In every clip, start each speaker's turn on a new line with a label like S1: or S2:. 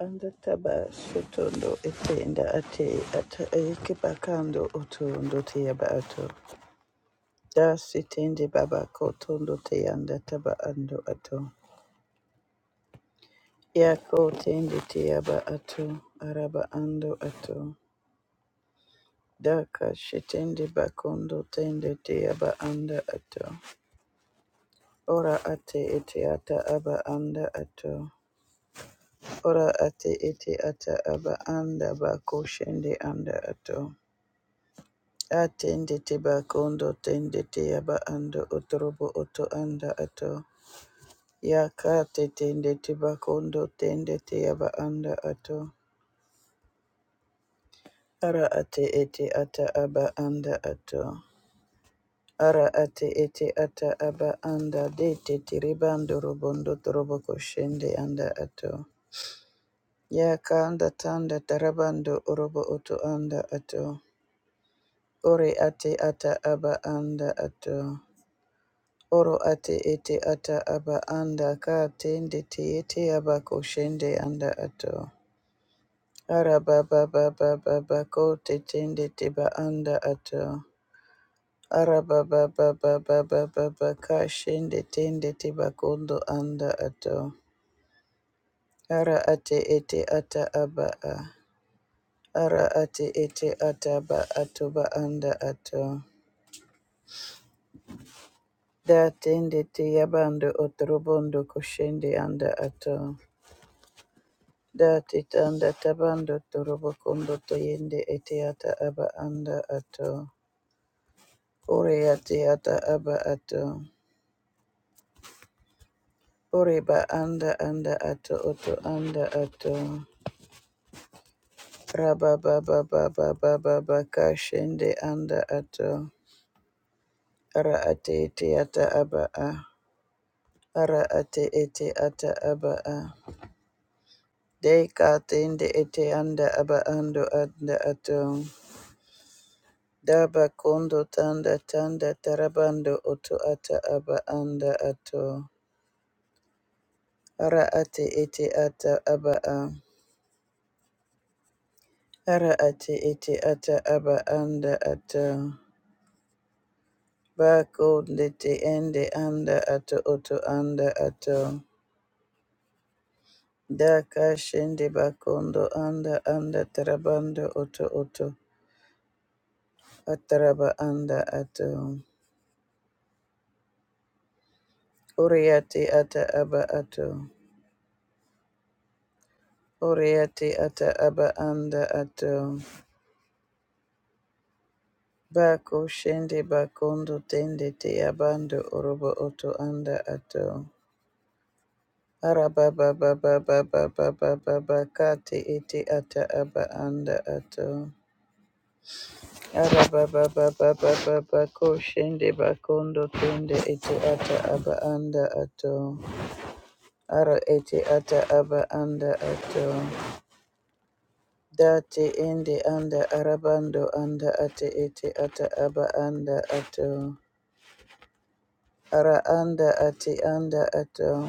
S1: Anda taba sotondo etenda ate ata eke bakando otondo te yaba ato. Da sitende baba ko tondo te anda taba ando ato. Ya ko tende te yaba ato araba ando ato. Da ka shitende bakondo tende te yaba anda ato. Ora ate ete ata aba anda ato. Ora ate ete ata aba anda bako shende anda ato. Atende teba kondo tende teyaba ando otorobo oto anda ato. Yakate tende teba kondo tende teyaba anda ato. Ara ate ete ata aba anda ato. Ara ate ete ata aba anda de te tiribando robondo torobo koshende anda ato. Yakanda tanda tarabando orobo oto anda ato. Ore ate ata aba anda ato. Oro ate ete ata aba anda ka tende te ete aba koshende anda ato. Araba baba baba ba ko te tende te ba anda ato. Araba baba baba baba ba ba ba ba ka shende tende te ba kondo anda ato. Ara ate ete ata aba a. Ara ate ete ata ba ato ba anda ato. Da tende te yabando otorobondo koshende anda ato. Dati tanda tabando torobo kondo toyende etiata aba anda ato. Ore atiata aba ato. Ore ba anda anda ato oto anda ato. Raba baba baba baba baka shende anda ato. Ara ate etiata aba a. Ara ate ete ata aba a. Deka tende ete anda aba ando anda ato. Daba kondo tanda tanda tarabando oto ata aba anda ato. Ara ate ete ata aba a. Ara ate ete ata aba anda ato. Ba konde te ende anda ato oto anda ato. Da kashende bakondo anda anda tarabando oto oto. Ataraba anda ato. Uriate ata aba ato. Oriati ata aba anda ato. Bako shende bakondo tende te abando orobo oto anda ato. Araba baba baba baba baba bakate ete ata aba anda ato. Araba baba baba baba ko shende bakondo tende ete ata aba anda ato. Ara ete ata aba anda ato. Date ende anda arabando anda ate ete ata aba anda ato. Ara anda ati anda ato.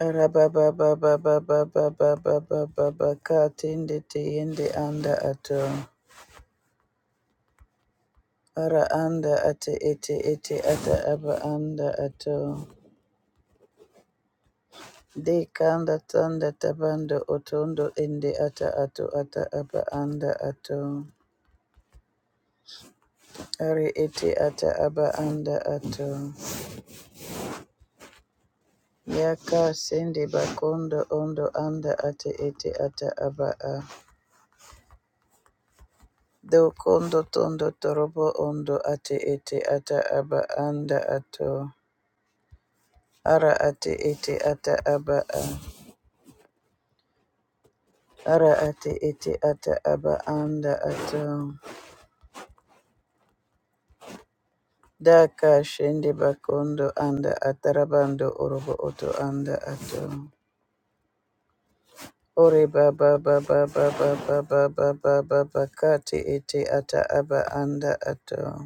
S1: Ara baba baba baba baba baba baba ba ba ka tindi ti anda ato. Ara anda ati iti iti ata aba anda ato. De kanda tanda tabando otondo indi ata ato ata aba anda ato. Ari iti ata aba anda ato. Yaka sindi bakondo ondo anda ati iti ata aba a. Do kondo tondo torobo ondo ate ete ata aba anda ato. Ara ate ete ata aba a. Ara ate ete ata aba anda ato. Daka shende bakondo anda atarabando orobo oto anda ato. Ore baba baba baba baba baba baba kati ete ata aba anda ato.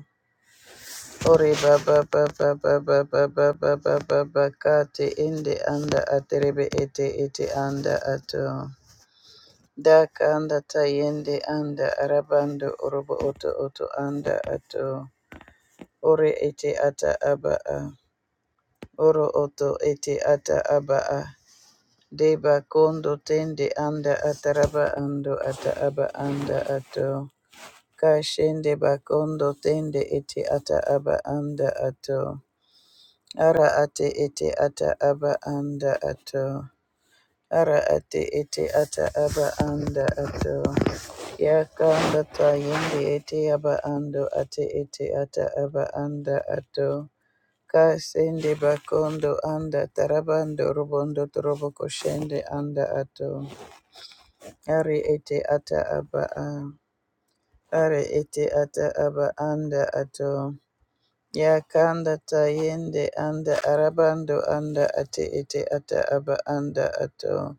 S1: Ore baba baba baba baba baba baba kati indi anda aterebe ete ete anda ato daka anda tayende anda arabando orobo oto oto anda ato ore ete ata aba a oro oto ete ata aba a deba kondo tende anda ataraba ando ata aba anda ato kashende bakondo tende ete ata aba anda ato Ara ate ete ata aba anda ato. Ara ate ete ata aba anda ato. Yakanda ta yende ete aba ando ate ete ata aba anda ato. Kasende bakondo anda tarabando robondo trobo koshende anda ato. Ari ete ata aba a. Ari ete ata aba anda ato. Yakanda tayende anda arabando anda ate ete ata aba anda ato.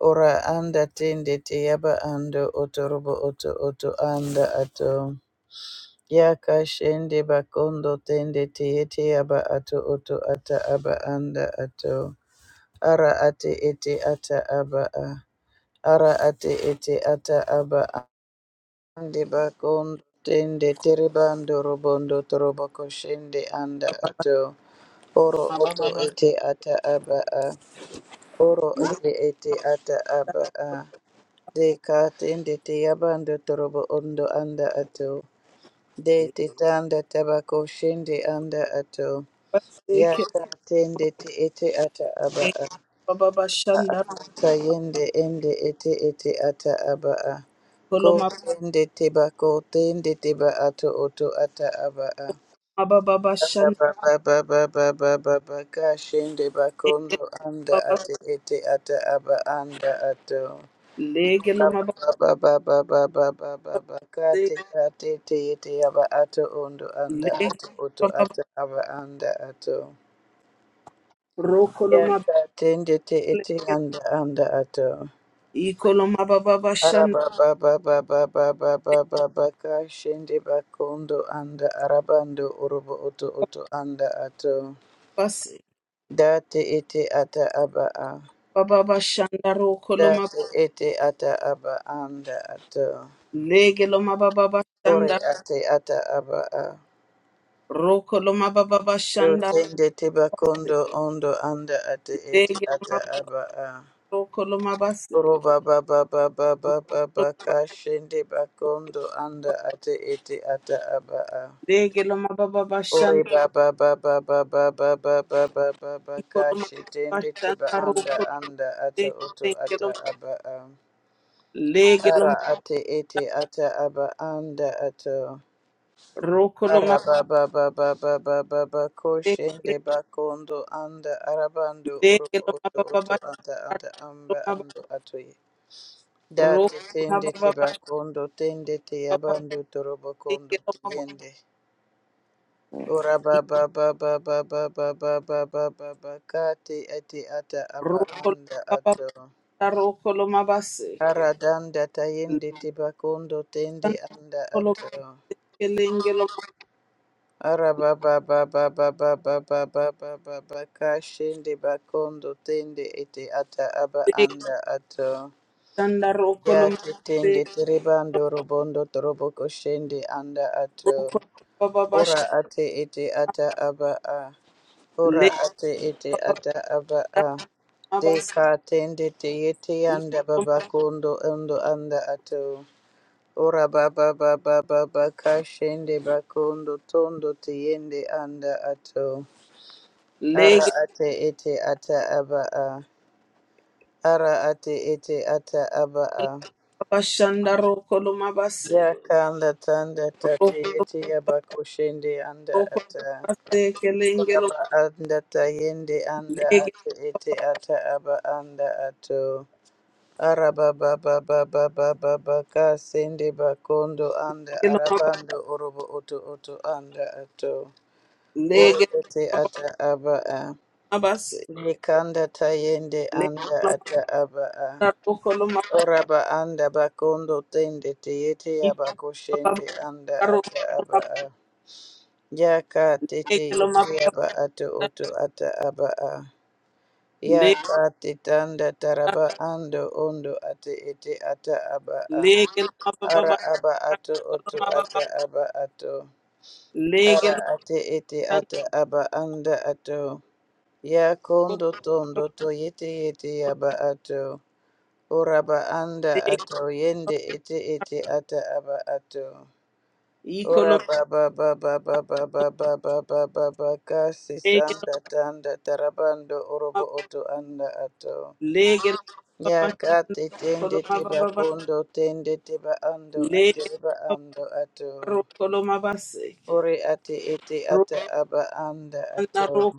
S1: Ora anda tende te yaba ando otorobo oto oto anda ato. Yakashende bakondo tende te ete yaba ato oto ata aba anda ato. Ara ate ete ata aba a. Ara ate ete ata aba Ande bakondo tende teribando robondo toroboko shende anda ato oro
S2: Baba
S1: oto
S2: Baba
S1: ete ata aba a oro ote ete ata aba a de ka tende te yabando torobo ondo anda ato de te tanda tabako shende anda ato ya ka tende te ete ata aba a
S2: Baba Baba Shanda.
S1: ta yende ende ete ete ata aba a ko
S2: Koloma
S1: ende teba ko tende teba ato oto ata aba a
S2: Baba Baba
S1: ba
S2: Shanda.
S1: baba baba baba baba ba ba ba ka shende bakondo anda
S2: Baba
S1: ate ete ata aba anda ato Baba
S2: Legeloma
S1: baba baba baba baba
S2: Baba
S1: ka te ka te te ete aba ato ondo anda
S2: Leg
S1: ato oto
S2: Baba
S1: ata aba anda ato ya
S2: Rokoloma
S1: ka tende te ete anda anda ato
S2: Ikoloma Baba Shanda.
S1: Araba baba baba baba baba baka shende bakondo anda arabando orobo oto oto anda ato
S2: Baba
S1: date ete ata aba a
S2: Baba Shanda.
S1: date ete ata aba anda ato ore ate ata aba a do tende te bakondo ondo anda ate ete ata aba a oroba baba baba baba baka shende bakondo anda ate ete ata aba a
S2: Legelo mababa bashanda
S1: Ore baba baba baba baba baba baba
S2: Ikoloma
S1: kashi tende tiba
S2: bashanda
S1: anda
S2: rokoloma
S1: anda ata oto ata
S2: tengeloma
S1: aba am. Ara
S2: legeloma
S1: ate ete ata aba anda ato.
S2: rokoloma
S1: Ara baba baba baba baba koshende
S2: tekele
S1: bakondo anda arabando uruko
S2: legeloma
S1: oto
S2: baba
S1: oto ata ata amba
S2: bashanda
S1: ando atoye.
S2: rokoloma
S1: Date tende tiba kondo tende te
S2: baba bashanda
S1: abando torobo kondo
S2: tengeloma bo
S1: tiende. Ora ba ba ba ba ba ba ba ba ba ba ba ba ka te ete ata aba anda
S2: rokoloma baba
S1: ato.
S2: bashanda rokoloma baseke
S1: Ara danda tayende te bakondo tende
S2: legeloma
S1: anda
S2: koloma
S1: ato.
S2: kelengeloma
S1: Ara ba ba ba ba ba ba ba ba ba ba ba ba bakondo tende ete ata aba anda ato.
S2: legeloma
S1: Ya
S2: rokoloma
S1: te tende terebando
S2: legeloma
S1: robondo toroboko shende anda ato.
S2: rokoloma baba
S1: Ora
S2: bashanda
S1: ate ete ata aba a. Ora ate ete
S2: legeloma
S1: ata aba a.
S2: baba bashanda rokoloma baseke
S1: Deka tende te yete yanda baba
S2: legeloma
S1: kondo ondo anda ato. Ora baba baba baba kashende bakondo tondo te yende anda ato. Ara ate ete ata aba a. Ara ate ete ata aba a.
S2: bashanda rokoloma baseke
S1: Ya tanda
S2: Legelo
S1: tate ete yaba koshende anda ata. Aba anda tayende anda ate ete ata aba anda ato araba baba baba baba baka sende bakondo anda arabando orobo oto oto anda ato oro ete ata aba a Likanda tayende anda ata aba a oraba anda bakondo tende teyete abakoshende anda ata aba a yaka tete yete aba ato oto ata aba a Ya ta te tanda taraba ando ondo ate ete ata aba a. Ara aba ato oto ata aba ato. Ara ate ete ata aba anda ato. Ya kondo tondo to yete yete aba ato. Oraba anda ato yende ete ete ata aba ato. Ora baba baba baba baba baba baba kasi sanda tanda tarabando orobo oto anda ato. Yaka te tende teba kondo tende teba ando ate reba ando ato. Ore ate ete ata aba anda ato.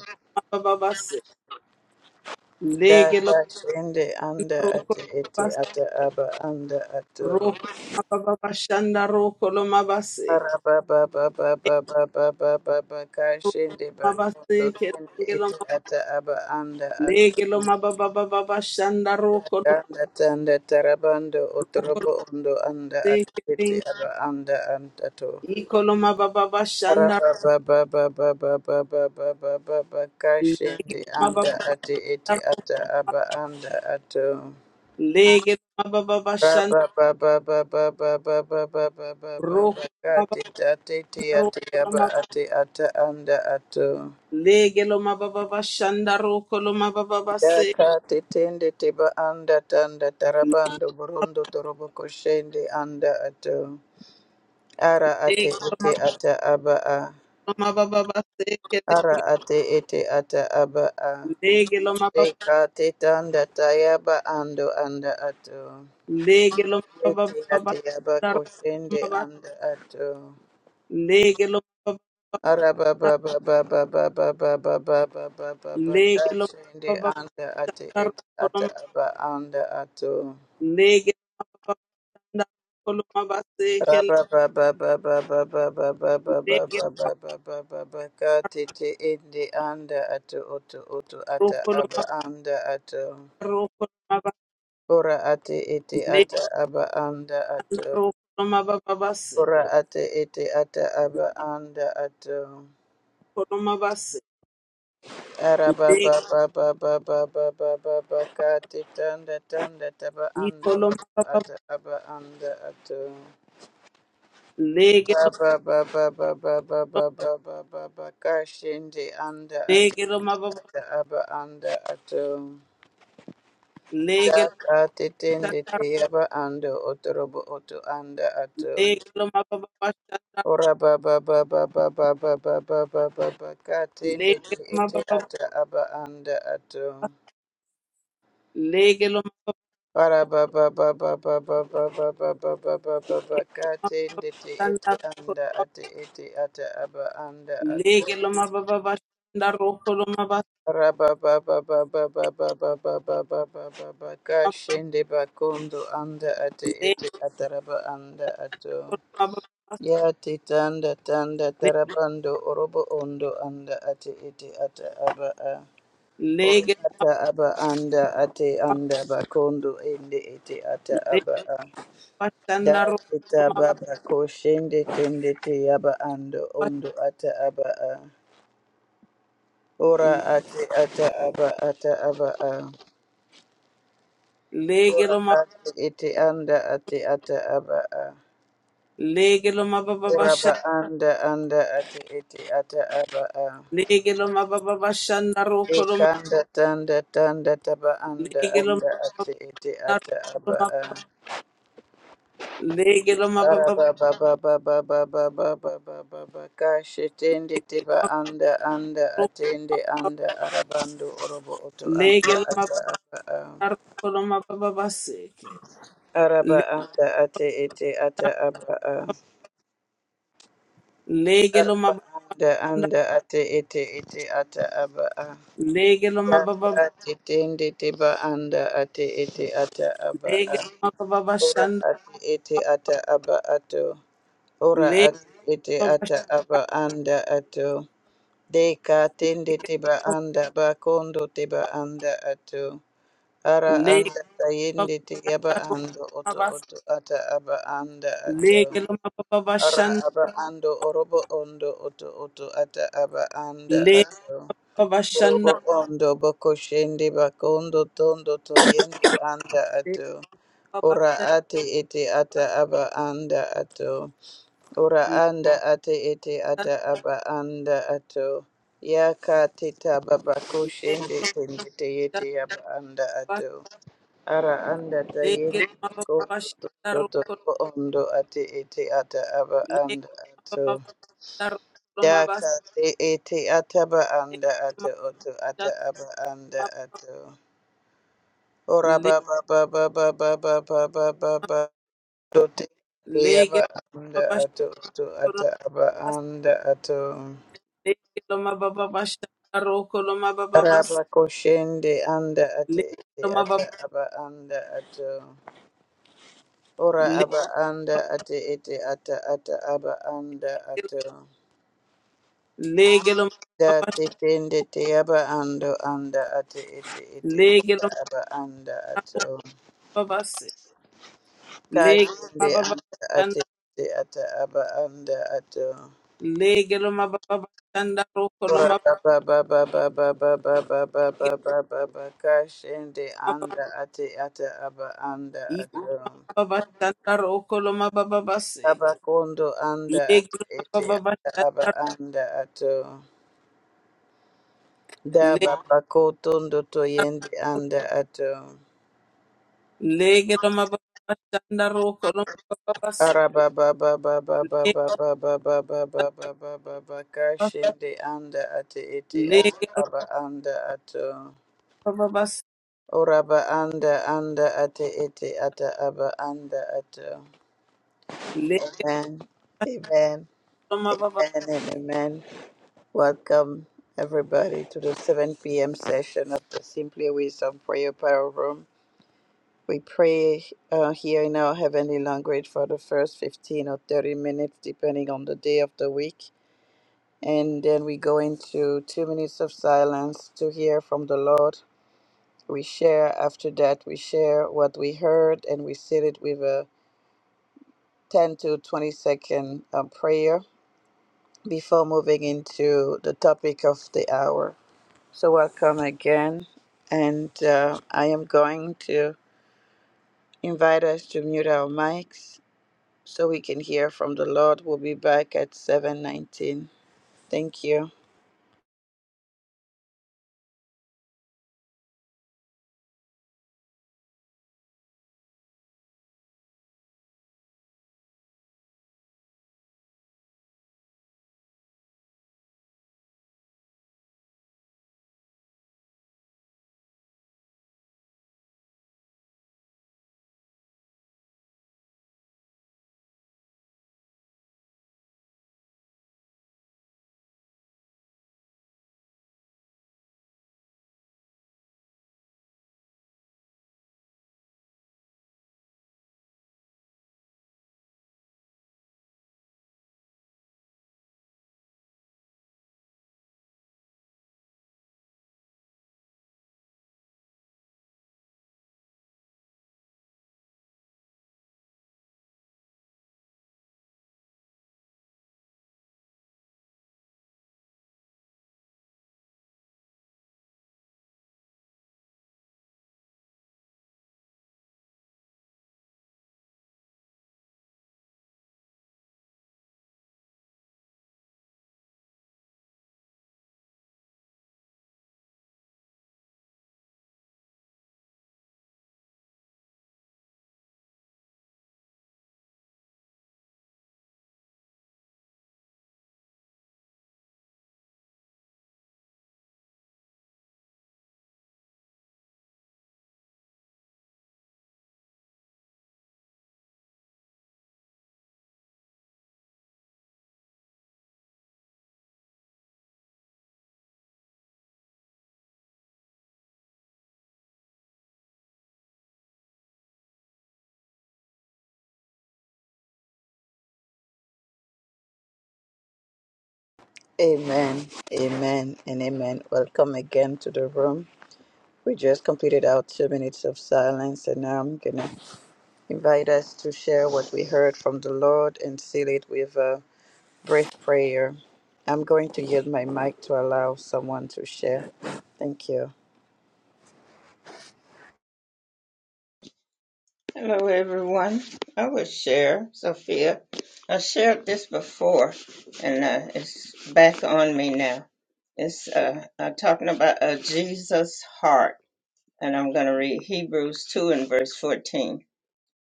S2: Legelo
S1: Data tende anda
S2: Roko
S1: ate ete
S2: mabase,
S1: ata aba anda ato.
S2: roko mababashanda, roko lo mabaseke,
S1: Araba ba ba ba ba ba ba ba ba ba ka
S2: roko lo
S1: shende ba
S2: mabaseke,
S1: tende
S2: lenge lo
S1: ete
S2: ma-
S1: ata aba anda ato.
S2: lege lo mababababashanda, roko lo
S1: Ganda tanda tarabando
S2: roko lo
S1: otorobo ondo anda ate
S2: seke,
S1: ete
S2: lenge,
S1: aba anda anda ato.
S2: iko lo mabababashanda, lege
S1: Kashindi
S2: lo
S1: anda
S2: mabababashanda,
S1: ati iti
S2: roko,
S1: ata aba anda ato.
S2: lege lo
S1: Raba
S2: mabababashanda,
S1: baba baba baba baba baba baba
S2: roko lo
S1: kati
S2: mabababashanda,
S1: tati ti ati
S2: roko lo
S1: aba
S2: ma-
S1: ati ata anda ato.
S2: lege lo mabababashanda, roko lo mabababaseke,
S1: Daka titindi tiba anda tanda tarabando burundo torobo koshindi anda ato. Ara ati
S2: lege lo
S1: iti ata aba a.
S2: mabababaseke,
S1: Ara
S2: lenge,
S1: ati iti ata aba a.
S2: lege lo
S1: Deka tetanda tayaba ando anda ato.
S2: Lege lo ba ba
S1: Leti
S2: ba ba
S1: ate yaba
S2: da ro
S1: koshende
S2: ma ba.
S1: anda ato.
S2: Lege lo ba ba ba ba
S1: Araba
S2: da.
S1: baba baba baba baba baba baba baba ba ba ba
S2: Lege lo ba ba ba
S1: anda
S2: ba
S1: ate
S2: da ro
S1: ete
S2: ko lo
S1: ata
S2: ma.
S1: aba anda ato.
S2: Lege lo ba ba
S1: Raba baba baba baba baba baba baba baba baba ba ba ba ba ba ende anda ato oto oto ata aba anda ato. Ora ate ete ata aba anda ato. Ora ate ete ata aba anda ato. Araba ba ba ba ba ba ba ba ba ba ka te tanda tanda taba ando oto ata aba anda ato. Ba ba ba ba ba ba ba ba ba ba ba ba ka shende anda ate ete ata aba anda ato. Da ka te tende te aba ando otorobo oto anda ato. Ora ba ba ba ba ba ba ba ba ba ba ba ba ka te ete ata aba anda ato.
S2: Lege lo
S1: Ora ba ba ba ba ba ba ba ba ba ba ba ba ba ba ka te ete
S2: mababashanda roko
S1: anda
S2: lo
S1: ate ete ata aba anda ato.
S2: lege lo mababashanda roko lo mabasema
S1: Ora ba ba ba ba ba ba ba ba ba ba ba ba ba ba ka shende anda ate
S2: lege
S1: ete ata raba anda ato.
S2: lo mababas
S1: Yati tanda tanda tarabando orobo ondo anda ate ete ata aba a ora
S2: lege lo
S1: ata aba anda ate
S2: mababas
S1: anda bakondo ende ete ata
S2: lege
S1: aba a
S2: bashanda roko
S1: dati
S2: lo
S1: taba bakoshende tende te aba ando ondo ata aba a ora ate ata aba ata aba a
S2: lege
S1: ora
S2: lo
S1: ate ete anda ate ata aba a
S2: lege lo
S1: ora
S2: mabababash
S1: ba anda anda ate ete ata aba a
S2: lege lo mabababashanda roko lo
S1: Ikanda tanda tanda taba anda
S2: lege lo
S1: anda ate ete ata aba a
S2: lege lo
S1: araba baba baba baba baba baba baka shetende teba anda anda atende anda arabando orobo oto anda
S2: lege lo
S1: ata aba a
S2: roko lo mabababaseke
S1: araba anda ate ete ata aba a
S2: lege lo
S1: araba anda anda ate ete ete ata aba a
S2: Lege lo ma baba,
S1: Daka tetende teba anda ate ete ata aba
S2: lege
S1: a
S2: lo ma baba
S1: Ora
S2: shanda,
S1: ati ete ata aba ato. Ora
S2: lege
S1: ati ete
S2: baba
S1: ata aba anda ato. Deka tende
S2: shike,
S1: teba anda ba kondo teba anda ato. Ara
S2: lege
S1: anda
S2: baba
S1: tayende te yaba ando oto
S2: baba,
S1: oto ata aba anda ato.
S2: lege loma baba
S1: Ara
S2: shanda,
S1: aba ando orobo ondo oto oto ata aba anda
S2: lege
S1: ato.
S2: baba
S1: Orobo
S2: shanda,
S1: ondo boko shende bakondo tondo toyende anda
S2: lege
S1: ato.
S2: baba
S1: Ora
S2: shanda,
S1: ate ete ata aba anda ato. Ora
S2: lege
S1: anda ate ete ata aba anda ato. Yaka teta baba koshende
S2: lo
S1: tende teyete aba anda
S2: ma shanda,
S1: ato. Ara anda
S2: lege
S1: tayende
S2: loma baba
S1: bakondo
S2: shanda,
S1: tondo
S2: roko,
S1: tondo ondo ate ete ata aba
S2: lege
S1: anda
S2: lo
S1: ato.
S2: ma baba shanda, roko lo ma bas,
S1: Daka te ete ataba
S2: lege
S1: anda
S2: lo
S1: ato
S2: ma
S1: oto ata
S2: shanda,
S1: aba anda
S2: ma,
S1: ato. Ora
S2: le,
S1: ba ba ba ba ba ba ba ba ba ba ba do te te
S2: lege
S1: aba
S2: lo
S1: anda ato oto ata aba anda ato.
S2: ma baba shanda, roko lo ma bas, lege lo ma baba shanda, roko loma baba bas,
S1: Raba koshende anda ate
S2: lege
S1: ete
S2: loma
S1: ata
S2: baba.
S1: aba anda ato. Ora aba anda ate ete ata ata aba anda ato.
S2: Legelo
S1: Da
S2: mababas,
S1: te tende te aba ando anda ate ete ete ata
S2: legelo
S1: aba anda ato.
S2: mababas,
S1: Ka
S2: legelo
S1: kende
S2: mababas,
S1: anda ate ete ata aba anda ato.
S2: legelo mababas, tanda roko lo
S1: Ora ba
S2: mababas,
S1: ba ba ba ba ba ba ba ba ba ba ba ba ba ka shende anda ate ata aba anda
S2: iko
S1: ato.
S2: mababas, tanda roko lo mababas,
S1: Aba kondo anda ate
S2: legelo
S1: ete
S2: mababas,
S1: ata aba
S2: tanda
S1: anda ato. Da
S2: legelo
S1: ba ba ko tondo to yende anda ato.
S2: legelo mababas, tanda roko lo mababas,
S1: Araba ba ba ba ba ba ba
S2: legelo
S1: ba ba ba ba ba ba ba ba Kashinde anda ate ete ata
S2: legelo
S1: aba anda ato.
S2: mababas,
S1: Oraba anda anda ate ete ata aba anda ato.
S2: legelo
S1: Amen. Amen. Amen
S2: mababas.
S1: and amen. Welcome everybody to the 7 p.m. session of the Simply Wisdom Prayer Power Room. We pray uh, here in our heavenly language for the first 15 or 30 minutes, depending on the day of the week. And then we go into two minutes of silence to hear from the Lord. We share after that, we share what we heard and we seal it with a 10 to 20 second um, prayer before moving into the topic of the hour. So, welcome again. And uh, I am going to invite us to mute our mics so we can hear from the Lord. We'll be back at 7:19. Thank you. Amen, amen, and amen. Welcome again to the room. We just completed our two minutes of silence, and now I'm gonna invite us to share what we heard from the Lord and seal it with a brief prayer. I'm going to yield my mic to allow someone to share. Thank you.
S3: Hello, everyone. I would share, Sophia. I shared this before, and uh, it's back on me now. It's uh, I'm talking about a Jesus heart, and I'm going to read Hebrews 2 and verse 14.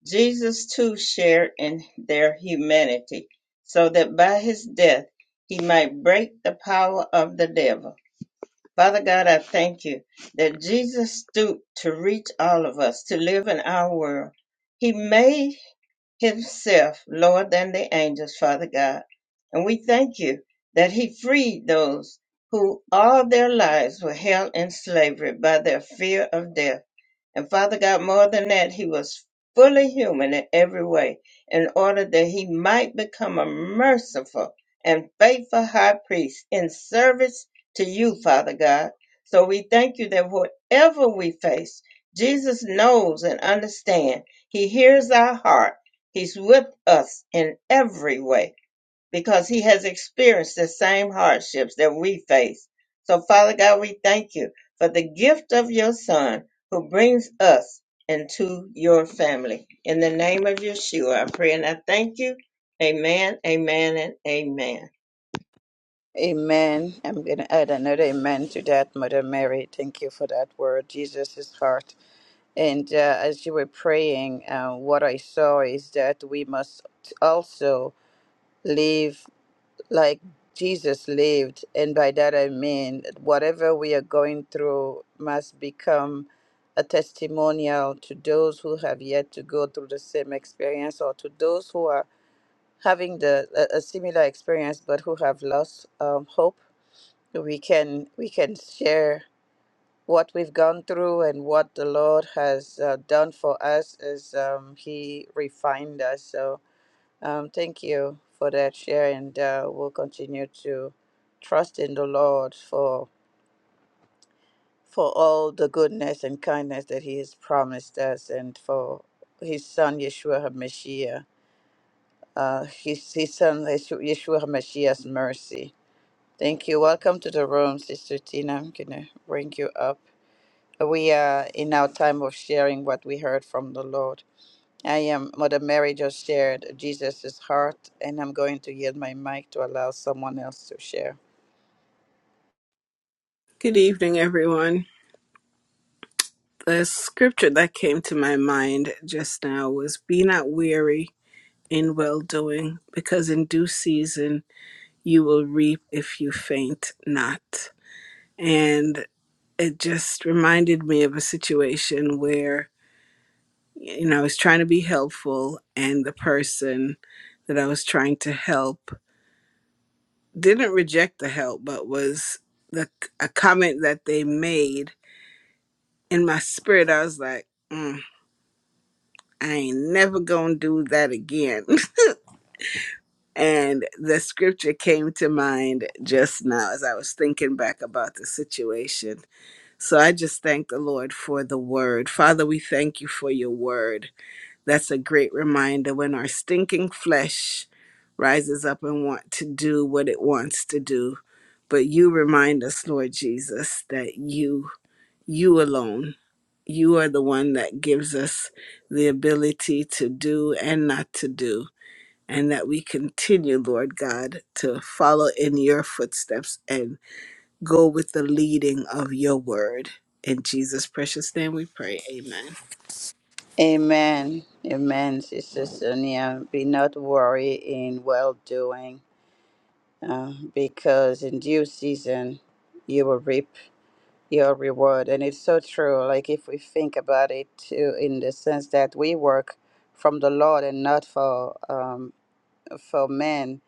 S3: Jesus too shared in their humanity, so that by his death he might break the power of the devil. Father God, I thank you that Jesus stooped to reach all of us to live in our world. He made himself lower than the angels, Father God. And we thank you that he freed those who all their lives were held in slavery by their fear of death. And Father God, more than that, he was fully human in every way in order that he might become a merciful and faithful high priest in service to you, Father God. So we thank you that whatever we face, Jesus knows and understands. He hears our heart. He's with us in every way because he has experienced the same hardships that we face. So, Father God, we thank you for the gift of your Son who brings us into your family. In the name of Yeshua, I pray and I thank you. Amen, amen, and amen.
S1: Amen. I'm going to add another amen to that, Mother Mary. Thank you for that word, Jesus' heart. And uh, as you were praying, uh, what I saw is that we must also live like Jesus lived. And by that I mean whatever we are going through must become a testimonial to those who have yet to go through the same experience or to those who are having the a, a similar experience but who have lost um, hope. We can we can share what we've gone through and what the Lord has uh, done for us as um, He refined us. So um, thank you for that share, and uh, we'll continue to trust in the Lord for for all the goodness and kindness that He has promised us, and for His Son Yeshua HaMashiach, uh, His His Son Yeshu- Yeshua HaMashiach's mercy. Thank you. Welcome to the room, Sister Tina. I'm gonna bring you up. We are in our time of sharing what we heard from the Lord. I am Mother Mary just shared Jesus' heart, and I'm going to yield my mic to allow someone else to share.
S2: Good evening, everyone. The scripture that came to my mind just now was Be not weary in well doing, because in due season you will reap if you faint not. And it just reminded me of a situation where, you know, I was trying to be helpful, and the person that I was trying to help didn't reject the help, but was the a comment that they made in my spirit. I was like, mm, I ain't never gonna do that again. And the scripture came to mind just now as I was thinking back about the situation. So I just thank the Lord for the word. Father, we thank you for your word. That's a great reminder when our stinking flesh rises up and want to do what it wants to do. But you remind us, Lord Jesus, that you, you alone, you are the one that gives us the ability to do and not to do and that we continue, Lord God, to follow in your footsteps and go with the leading of your word. In Jesus' precious name we pray. Amen.
S1: Amen. Amen, Sister Sonia. Be not worry in well doing, uh, because in due season you will reap your reward. And it's so true. Like if we think about it too, in the sense that we work from the Lord and not for um, for men,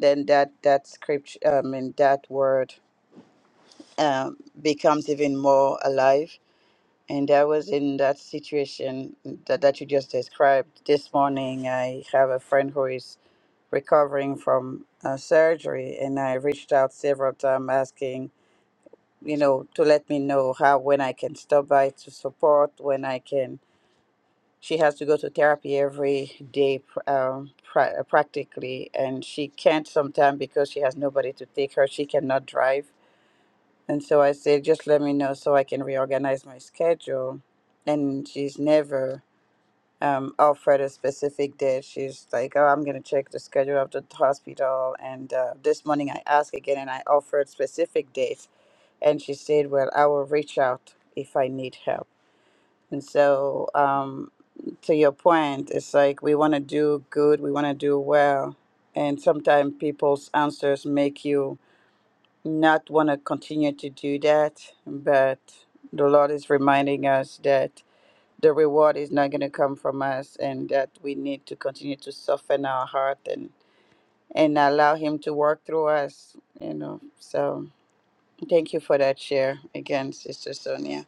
S1: then that that scripture, I mean that word um, becomes even more alive. And I was in that situation that, that you just described. This morning, I have a friend who is recovering from uh, surgery, and I reached out several times asking, you know, to let me know how, when I can stop by to support, when I can. She has to go to therapy every day pr- um, pra- practically, and she can't sometimes because she has nobody to take her. She cannot drive and so I said, just let me know so I can reorganize my schedule. And she's never um, offered a specific date. She's like, oh, I'm going to check the schedule of the hospital. And uh, this morning I asked again and I offered specific dates. And she said, well, I will reach out if I need help. And so, um, to your point, it's like we want to do good, we want to do well. And sometimes people's answers make you not want to continue to do that, but the Lord is reminding us that the reward is not going to come from us and that we need to continue to soften our heart and, and allow Him to work through us, you know. So thank you for that share again, Sister Sonia.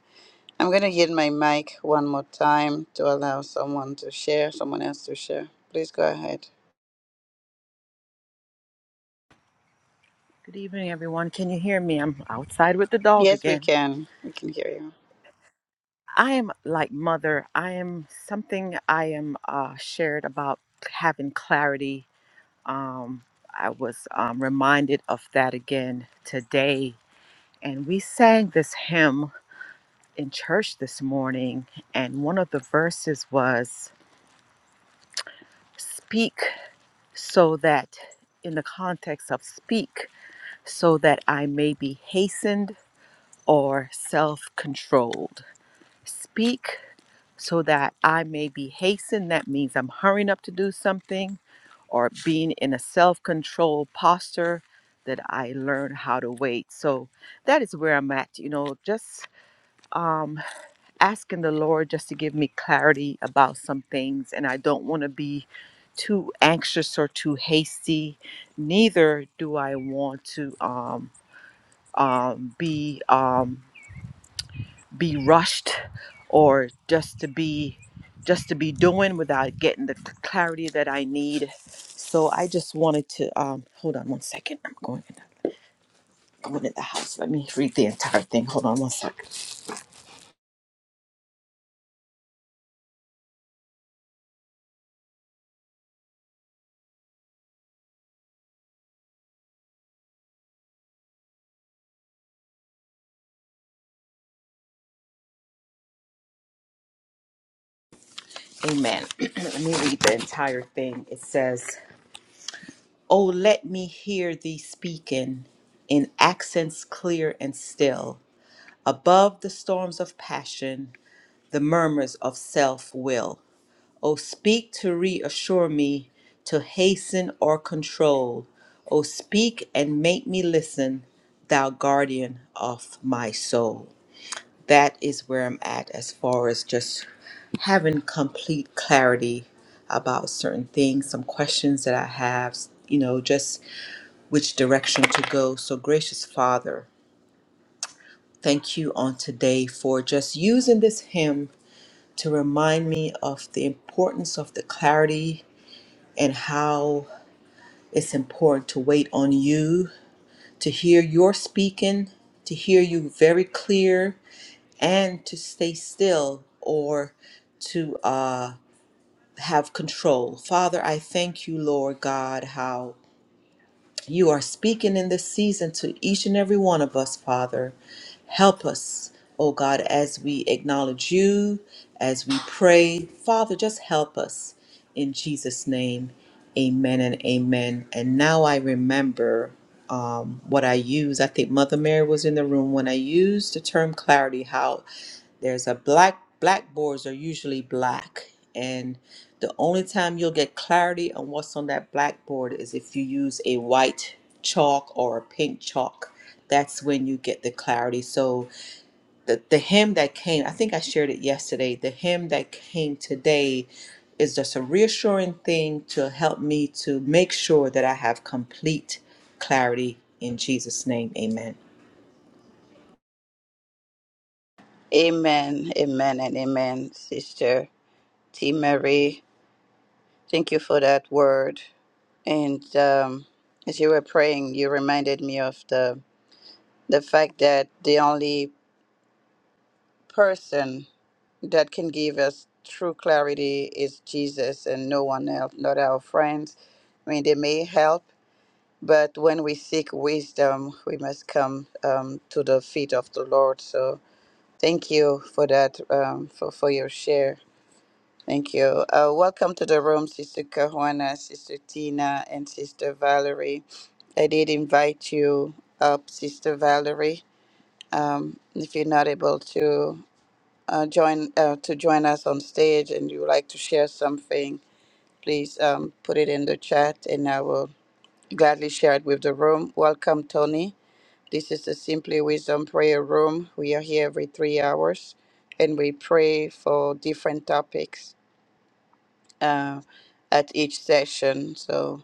S1: I'm going to yield my mic one more time to allow someone to share, someone else to share. Please go ahead.
S4: Good evening, everyone. Can you hear me? I'm outside with the dog
S1: Yes, we
S4: again.
S1: can. We can hear you.
S4: I am like mother. I am something I am uh, shared about having clarity. Um, I was um, reminded of that again today. And we sang this hymn in church this morning. And one of the verses was Speak so that, in the context of speak, so that I may be hastened or self controlled. Speak so that I may be hastened. That means I'm hurrying up to do something or being in a self control posture that I learn how to wait. So that is where I'm at, you know, just um, asking the Lord just to give me clarity about some things. And I don't want to be too anxious or too hasty. Neither do I want to um, um, be. Um, be rushed or just to be just to be doing without getting the clarity that I need. So I just wanted to um, hold on one second. I'm going in, going in the house. Let me read the entire thing. Hold on one second. Amen. let me read the entire thing. It says, "Oh, let me hear thee speaking in accents clear and still, above the storms of passion, the murmurs of self-will." O speak to reassure me, to hasten or control. O speak and make me listen, thou guardian of my soul. That is where I'm at as far as just having complete clarity about certain things, some questions that I have, you know, just which direction to go. So, gracious Father, thank you on today for just using this hymn to remind me of the importance of the clarity and how it's important to wait on you, to hear your speaking, to hear you very clear, and to stay still or to uh, have control. Father, I thank you, Lord God, how. You are speaking in this season to each and every one of us, Father. Help us, oh God, as we acknowledge you, as we pray. Father, just help us in Jesus' name. Amen and amen. And now I remember um, what I used. I think Mother Mary was in the room when I used the term clarity, how there's a black blackboards are usually black and the only time you'll get clarity on what's on that blackboard is if you use a white chalk or a pink chalk that's when you get the clarity so the, the hymn that came i think i shared it yesterday the hymn that came today is just a reassuring thing to help me to make sure that i have complete clarity in jesus name amen
S1: Amen, amen, and amen, Sister T. Marie. Thank you for that word. And um, as you were praying, you reminded me of the the fact that the only person that can give us true clarity is Jesus and no one else, not our friends. I mean, they may help, but when we seek wisdom, we must come um, to the feet of the Lord. So thank you for that, um, for, for your share. Thank you. Uh, welcome to the room, Sister Cajuana, Sister Tina, and Sister Valerie. I did invite you up, Sister Valerie. Um, if you're not able to uh, join uh, to join us on stage and you would like to share something, please um, put it in the chat, and I will gladly share it with the room. Welcome, Tony. This is the Simply Wisdom Prayer Room. We are here every three hours, and we pray for different topics uh, at each session. So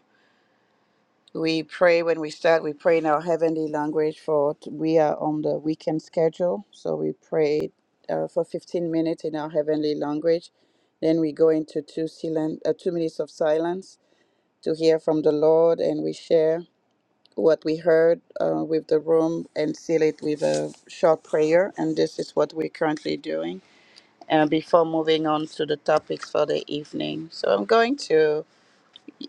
S1: We pray when we start, we pray in our heavenly language for we are on the weekend schedule, so we pray uh, for 15 minutes in our heavenly language. Then we go into two silen- uh, two minutes of silence to hear from the Lord, and we share what we heard uh, with the room and seal it with a short prayer. And this is what we're currently doing uh, before moving on to the topics for the evening. So I'm going to.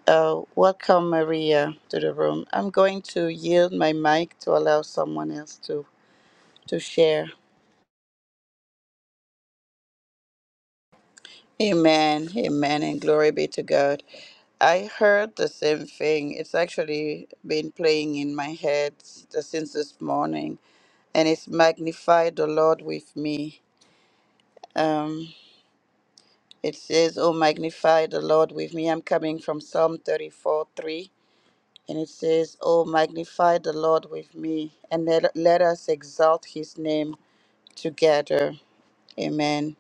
S1: Uh, welcome, Maria, to the room. I'm going to yield my mic to allow someone else to, to share. Amen, amen, and glory be to God. I heard the same thing. It's actually been playing in my head s- since this morning, and it's magnify the Lord with me. Um, it says, Oh, magnify the Lord with me. I'm coming from Psalm 34:3. And it says, Oh, magnify the Lord with me, and let, let us exalt his name together. Amen.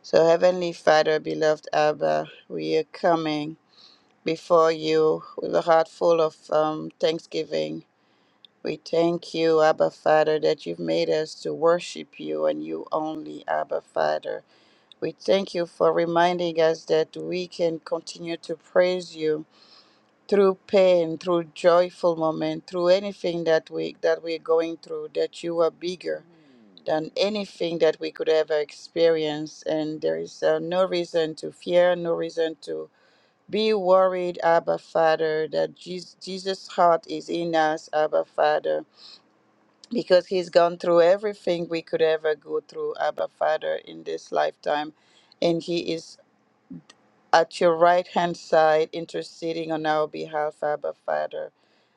S1: So, Heavenly Father, beloved Abba, we are coming before you with a heart full of um, thanksgiving. We thank you, Abba Father, that you've made us to worship you and you only, Abba Father. We thank you for reminding us that we can continue to praise you through pain, through joyful moment, through anything that we that we're going through, that you are bigger than anything that we could ever experience, and there is uh, no reason to fear, no reason to be worried, Abba Father. That Jesus, Jesus' heart is in us, Abba Father, because He's gone through everything we could ever go through, Abba Father, in this lifetime, and He is at your right hand side interceding on our behalf, Abba Father.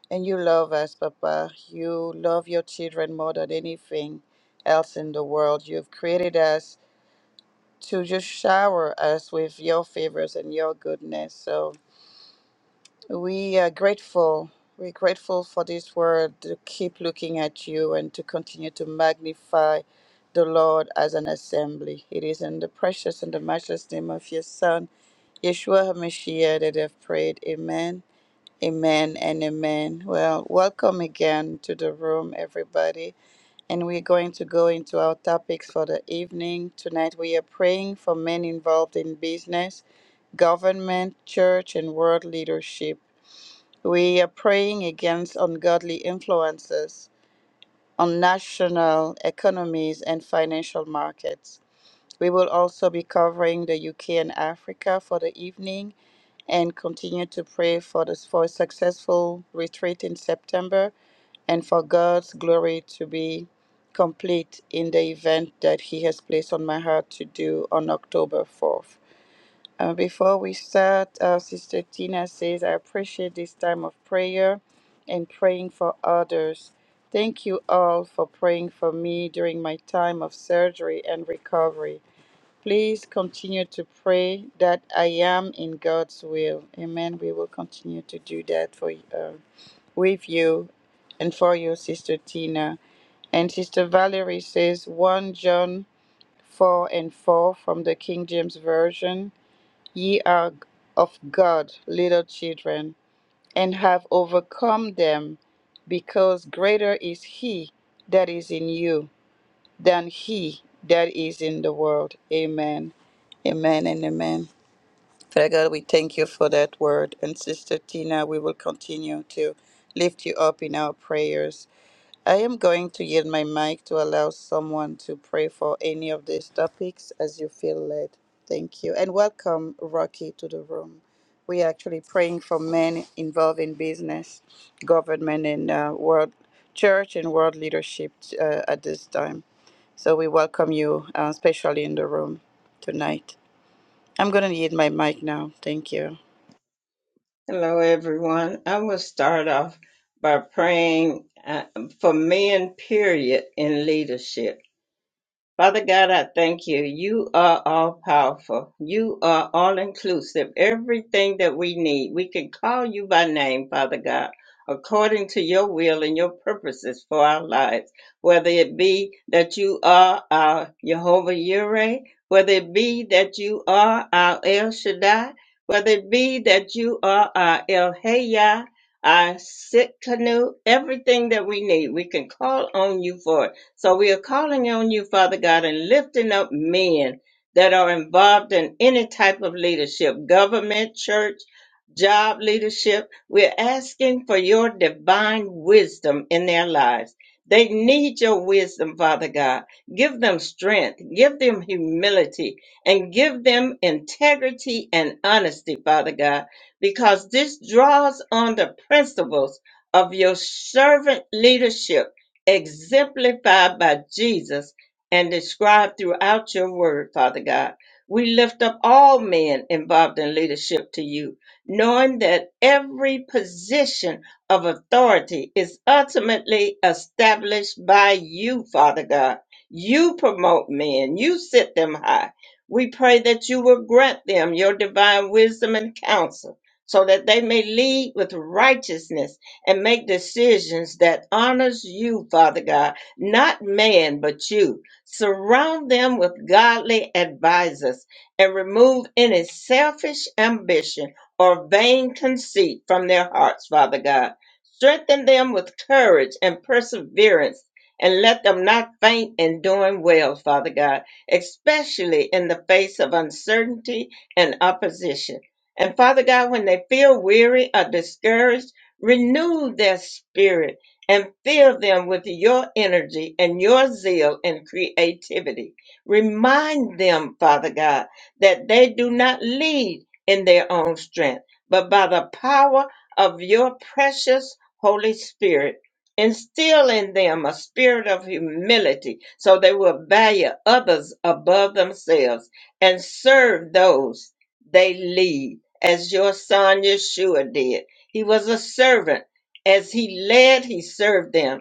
S1: And you love us, Papa. You love your children more than anything else in the world. You've created us to just shower us with your favors and your goodness. So we are grateful. We're grateful for this word to keep looking at you and to continue to magnify the Lord as an assembly. It is in the precious and the matchless name of your Son, Yeshua HaMashiach, that I've prayed. Amen Amen and amen. Well, welcome again to the room, everybody. And we're going to go into our topics for the evening. Tonight, we are praying for men involved in business, government, church, and world leadership. We are praying against ungodly influences on national economies and financial markets. We will also be covering the UK and Africa for the evening and continue to pray for this for a successful retreat in September and for God's glory to be complete in the event that He has placed on my heart to do on October 4th. Uh, before we start, uh, Sister Tina says, I appreciate this time of prayer and praying for others. Thank you all for praying for me during my time of surgery and recovery. Please continue to pray that I am in God's will. Amen. We will continue to do that for uh, with you and for you, Sister Tina. And Sister Valerie says 1 John 4 and 4 from the King James Version Ye are of God, little children, and have overcome them, because greater is He that is in you than He that is in the world. Amen. Amen and amen. Father God, we thank you for that word. And Sister Tina, we will continue to lift you up in our prayers. I am going to yield my mic to allow someone to pray for any of these topics as you feel led. Thank you. And welcome, Rocky, to the room. We are actually praying for men involved in business, government, and uh, world church and world leadership uh, at this time. So we welcome you, uh, especially in the room tonight. I'm going to yield my mic now. Thank you.
S3: Hello, everyone. I will start off by praying uh, for men, period, in leadership. Father God, I thank you. You are all powerful. You are all inclusive. Everything that we need, we can call you by name, Father God, according to your will and your purposes for our lives. Whether it be that you are our Jehovah Yireh, whether it be that you are our El Shaddai, whether it be that you are our El Hayah, our Sitkanu, everything that we need, we can call on you for it so we are calling on you, Father God, and lifting up men that are involved in any type of leadership, government, church, job leadership. We're asking for your divine wisdom in their lives. They need your wisdom, Father God. Give them strength, give them humility, and give them integrity and honesty, Father God, because this draws on the principles of your servant leadership exemplified by Jesus and described throughout your word, Father God. We lift up all men involved in leadership to you, knowing that every position of authority is ultimately established by you, Father God. You promote men, you sit them high. We pray that you will grant them your divine wisdom and counsel so that they may lead with righteousness and make decisions that honors you, Father God, not man, but you. Surround them with godly advisors and remove any selfish ambition or vain conceit from their hearts, Father God. Strengthen them with courage and perseverance and let them not faint in doing well, Father God, especially in the face of uncertainty and opposition. And Father God, when they feel weary or discouraged, Renew their spirit and fill them with your energy and your zeal and creativity. Remind them, Father God, that they do not lead in their own strength, but by the power of your precious Holy Spirit. Instill in them a spirit of humility so they will value others above themselves and serve those they lead, as your son Yeshua did he was a servant. As he led, he served them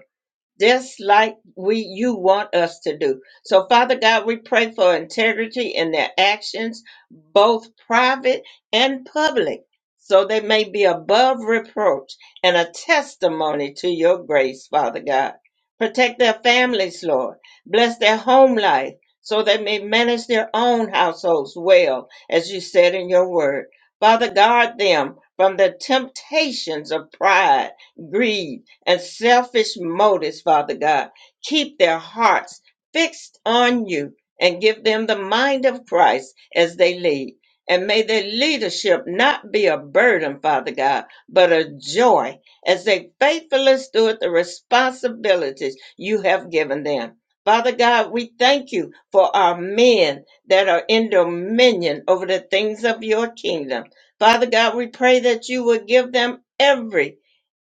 S3: just like we you want us to do. So Father God, we pray for integrity in their actions, both private and public, so they may be above reproach and a testimony to your grace, Father God. Protect their families, Lord. Bless their home life so they may manage their own households well, as you said in your word. Father, guard them from the temptations of pride greed, and selfish motives, Father God. Keep their hearts fixed on you and give them the mind of Christ as they lead. And may their leadership not be a burden, Father God, but a joy as they faithfully steward the responsibilities you have given them. Father God, we thank you for our men that are in dominion over the things of your kingdom. Father God, we pray that you will give them every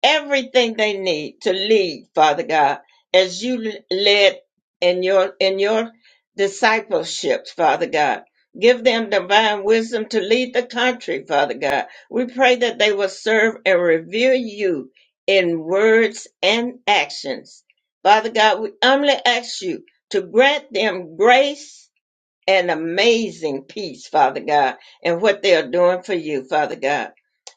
S3: everything they need to lead, Father God, as you l- led in your in your discipleship, Father God. Give them divine wisdom to lead the country, Father God. We pray that they will serve and revere you in words and actions. Father God, we humbly ask you to grant them grace an amazing peace, Father God, and what they are doing for you, Father God.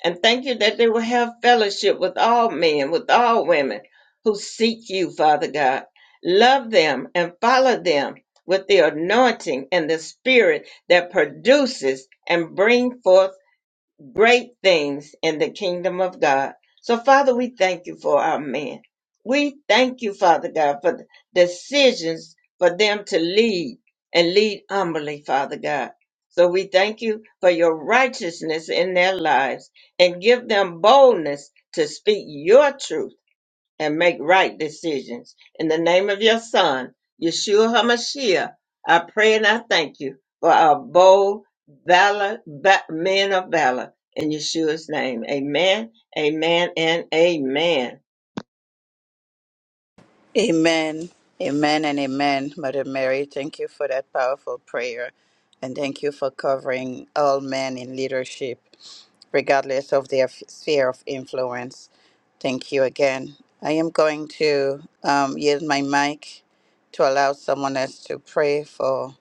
S3: And thank you that they will have fellowship with all men, with all women who seek you, Father God. Love them and follow them with the anointing and the spirit that produces and bring forth great things in the kingdom of God. So, Father, we thank you for our men. We thank you, Father God, for the decisions for them to lead and lead humbly, Father God. So we thank you for your righteousness in their lives and give them boldness to speak your truth and make right decisions. In the name of your son, Yeshua HaMashiach, I pray and I thank you for our bold valor, va- men of valor. In Yeshua's name, amen, amen, and amen.
S1: Amen. Amen and amen, Mother Mary. Thank you for that powerful prayer. And thank you for covering all men in leadership, regardless of their f- sphere of influence. Thank you again. I am going to um, yield my mic to allow someone else to pray for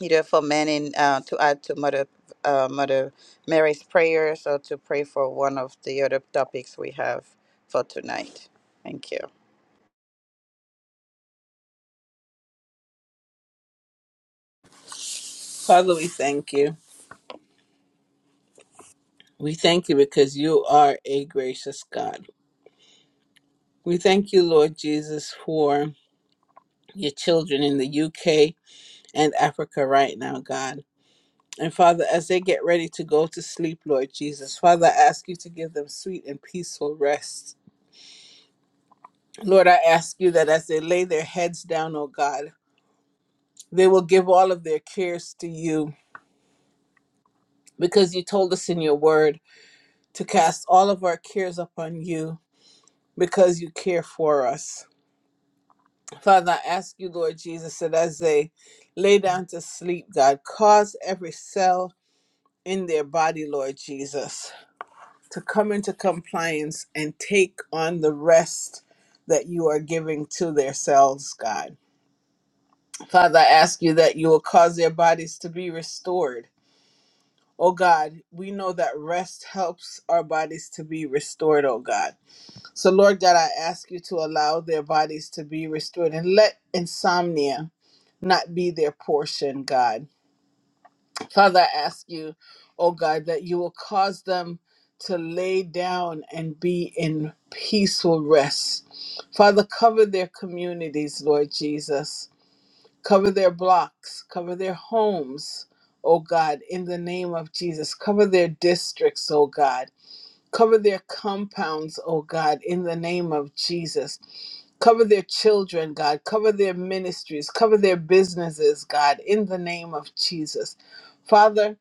S1: either for men in, uh, to add to Mother, uh, Mother Mary's prayers or to pray for one of the other topics we have for tonight. Thank you.
S2: Father, we thank you. We thank you because you are a gracious God. We thank you, Lord Jesus, for your children in the UK and Africa right now, God. And Father, as they get ready to go to sleep, Lord Jesus, Father, I ask you to give them sweet and peaceful rest. Lord, I ask you that as they lay their heads down, O God, they will give all of their cares to you because you told us in your word to cast all of our cares upon you because you care for us. Father, I ask you, Lord Jesus, that as they lay down to sleep, God, cause every cell in their body, Lord Jesus, to come into compliance and take on the rest that you are giving to their cells, God. Father, I ask you that you will cause their bodies to be restored. Oh God, we know that rest helps our bodies to be restored, oh God. So, Lord God, I ask you to allow their bodies to be restored and let insomnia not be their portion, God. Father, I ask you, oh God, that you will cause them to lay down and be in peaceful rest. Father, cover their communities, Lord Jesus. Cover their blocks, cover their homes, oh God, in the name of Jesus. Cover their districts, oh God. Cover their compounds, oh God, in the name of Jesus. Cover their children, God. Cover their ministries. Cover their businesses, God, in the name of Jesus. Father,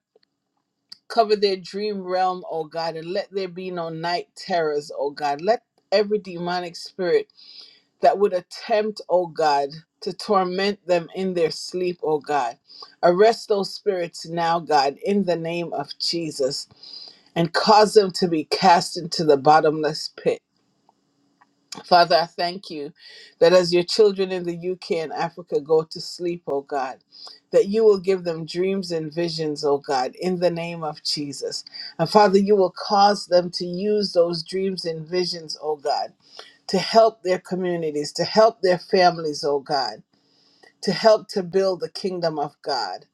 S2: cover their dream realm, oh God, and let there be no night terrors, oh God. Let every demonic spirit that would attempt, O God, to torment them in their sleep, O God. Arrest those spirits now, God, in the name of Jesus, and cause them to be cast into the bottomless pit. Father, I thank you that as your children in the UK and Africa go to sleep, O God, that you will give them dreams and visions, O God, in the name of Jesus. And Father, you will cause them to use those dreams and visions, O God to help their communities, to help their families, oh God, to help to build the kingdom of God.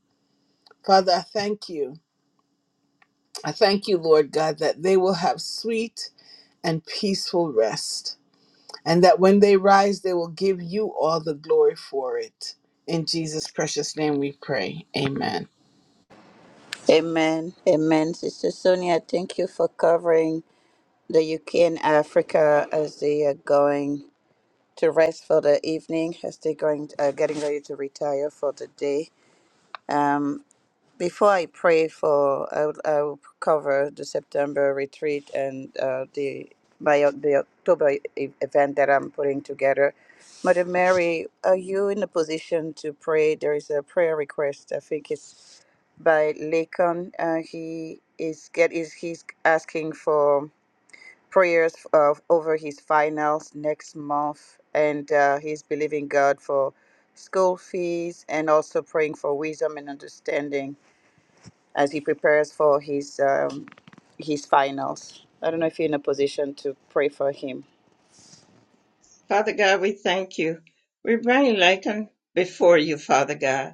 S2: Father, I thank you. I thank you, Lord God, that they will have sweet and peaceful rest, and that when they rise, they will give you all the glory for it. In Jesus' precious name we pray. Amen.
S1: Amen. Amen. Sister Sonia, thank you for covering the UK and Africa as they are going to rest for the evening, as they're going, uh, getting ready to retire for the day. Um, before I pray for, I will, I will cover the September retreat and uh, the my o- the October e- event that I'm putting together. Mother Mary, are you in a position to pray? There is a prayer request. I think it's by Lacan. Uh, he is get is he's asking for prayers of over his finals next month, and uh, he's believing God for school fees and also praying for wisdom and understanding as he prepares for his um, his finals. I don't know if you're in a position to pray for him.
S3: Father God, we thank you. We bring Lakin before you, Father God.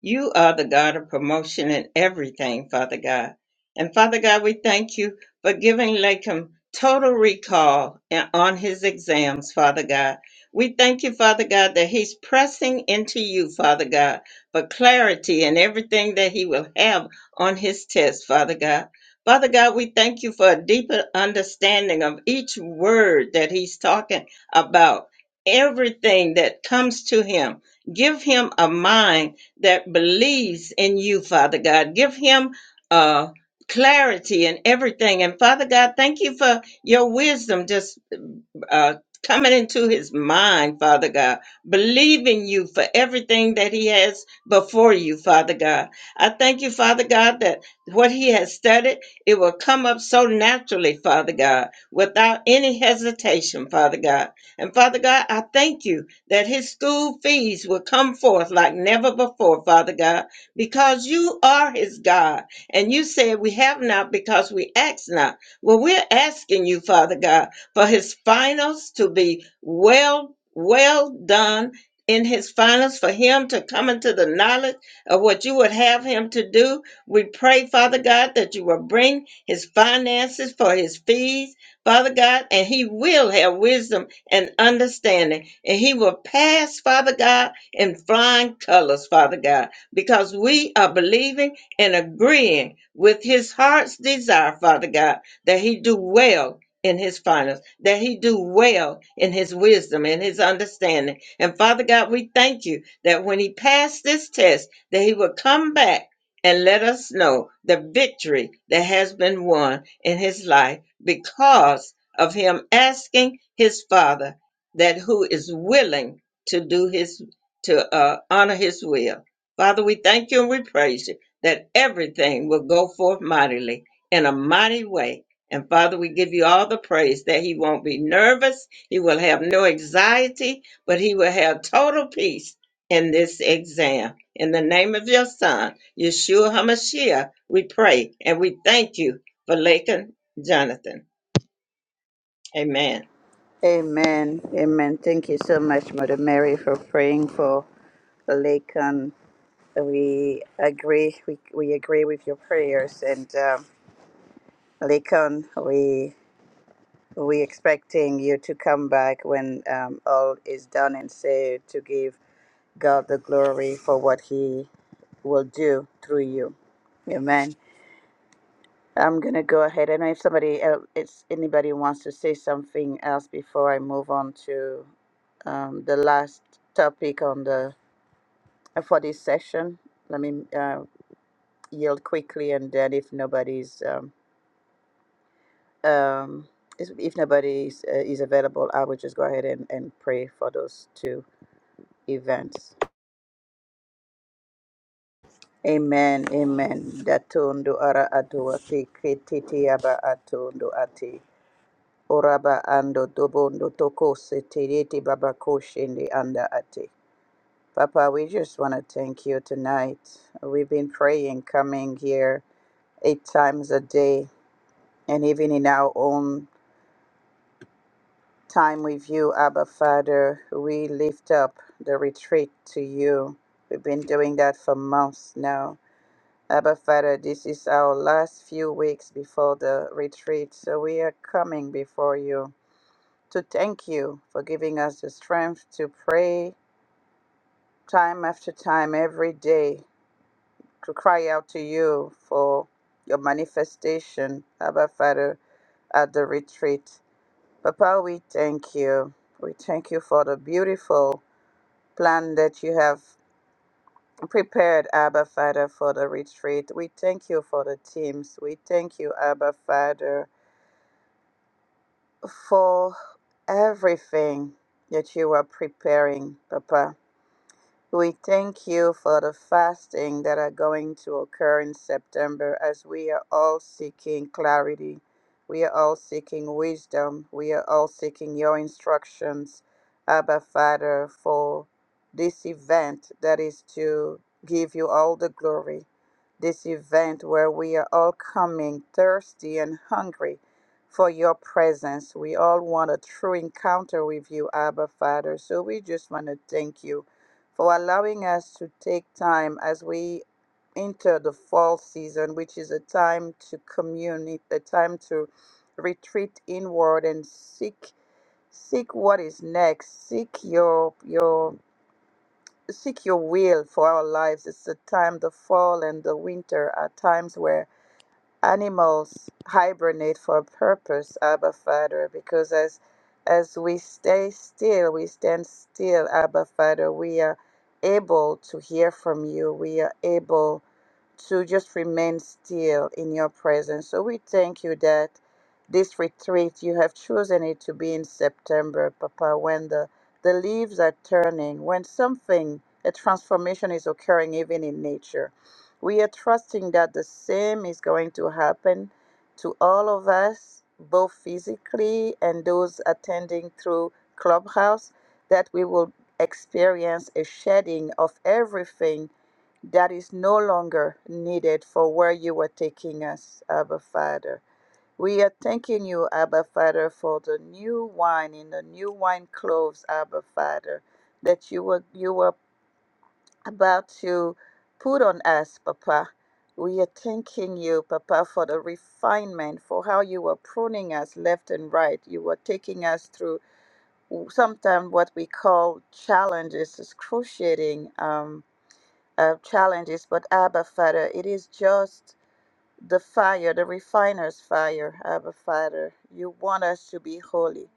S3: You are the God of promotion in everything, Father God. And Father God, we thank you for giving Lakem total recall and- on his exams, Father God. We thank you, Father God, that he's pressing into you, Father God, for clarity in everything that he will have on his test, Father God. Father God, we thank you for a deeper understanding of each word that he's talking about, everything that comes to him. Give him a mind that believes in you, Father God. Give him uh clarity in everything. And Father God, thank you for your wisdom. Just uh, coming into his mind, Father God, believing you for everything that he has before you, Father God. I thank you, Father God, that what he has studied, it will come up so naturally, Father God, without any hesitation, Father God. And Father God, I thank you that his school fees will come forth like never before, Father God, because you are his God. And you said we have not because we ask not. Well, we're asking you, Father God, for his finals to be well, well done in his finals, for him to come into the knowledge of what you would have him to do. We pray, Father God, that you will bring his finances for his fees, Father God, and he will have wisdom and understanding, and he will pass, Father God, in flying colors, Father God, because we are believing and agreeing with his heart's desire, Father God, that he do well in his finals, that he do well in his wisdom and his understanding. And Father God, we thank you that when he passed this test, that he will come back and let us know the victory that has been won in his life because of him asking his father that who is willing to do his to uh, honor his will. Father, we thank you and we praise you that everything will go forth mightily in a mighty way and Father, we give you all the praise that he won't be nervous. He will have no anxiety, but he will have total peace in this exam. In the name of your son, Yeshua HaMashiach, we pray and we thank you for Lakin Jonathan. Amen.
S1: Amen. Amen. Thank you so much, Mother Mary, for praying for Lacan. We agree. We, we agree with your prayers, and um, Lacan, we we expecting you to come back when um, all is done and say to give God the glory for what He will do through you. Amen. I'm gonna go ahead. I know if somebody else, if anybody wants to say something else before I move on to um, the last topic on the uh, for this session, let me uh, yield quickly, and then if nobody's um, um, is- if nobody is, uh, is available, I will just go ahead and, and pray for those two events. Amen. Amen. Datundo ara adua te ke te te aba atundo ate. Oraba ando dobondo toko seterete baba koshende anda ate. Papa, we just want to thank you tonight. We've been praying, coming here eight times a day, and even in our own time with you, Abba Father, we lift up the retreat to you. We've been doing that for months now. Abba Father, this is our last few weeks before the retreat, so we are coming before you. to thank you for giving us the strength to pray time after time every day, to cry out to you for your manifestation, Abba Father, at the retreat. Papa, we thank you. We thank you for the beautiful plan that you have prepared, Abba Father, for the retreat. We thank you for the teams. We thank you, Abba Father, for everything that you are preparing, Papa. We thank you for the fasting that are going to occur in September as we are all seeking clarity. We are all seeking wisdom. We are all seeking your instructions, Abba Father, for this event that is to give you all the glory. This event where we are all coming thirsty and hungry for your presence. We all want a true encounter with you, Abba Father. So we just want to thank you for allowing us to take time as we enter the fall season, which is a time to commune, a time to retreat inward and seek seek what is next, seek your your seek your will for our lives. It's a time the fall and the winter are times where animals hibernate for a purpose, Abba Father, because as as we stay still, we stand still, Abba Father, we are able to hear from you. We are able to just remain still in your presence. So we thank you that this retreat, you have chosen it to be in September, Papa, when the, the leaves are turning, when something, a transformation is occurring even in nature. We are trusting that the same is going to happen to all of us, both physically and those attending through Clubhouse, that we will experience a shedding of everything that is no longer needed for where you are taking us, Abba Father. We are thanking you, Abba Father, for the new wine in the new wine cloves, Abba Father, that you were you were about to put on us, Papa. We are thanking you, Papa, for the refinement, for how you were pruning us left and right. You were taking us through sometimes what we call challenges, excruciating. Um, uh, challenges, but Abba Father, it is just the fire, the refiner's fire, Abba Father. You want us to be holy.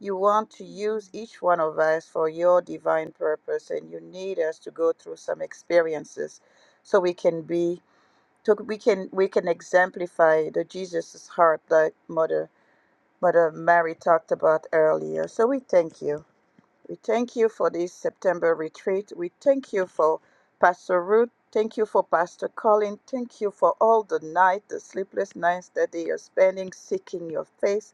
S1: You want to use each one of us for your divine purpose, and you need us to go through some experiences so we can be, to, we can we can exemplify the Jesus' heart that Mother Mother Mary talked about earlier. So we thank you. We thank you for this September retreat. We thank you for Pastor Ruth. Thank you for Pastor Colin. Thank you for all the night, the sleepless nights that they are spending seeking your face,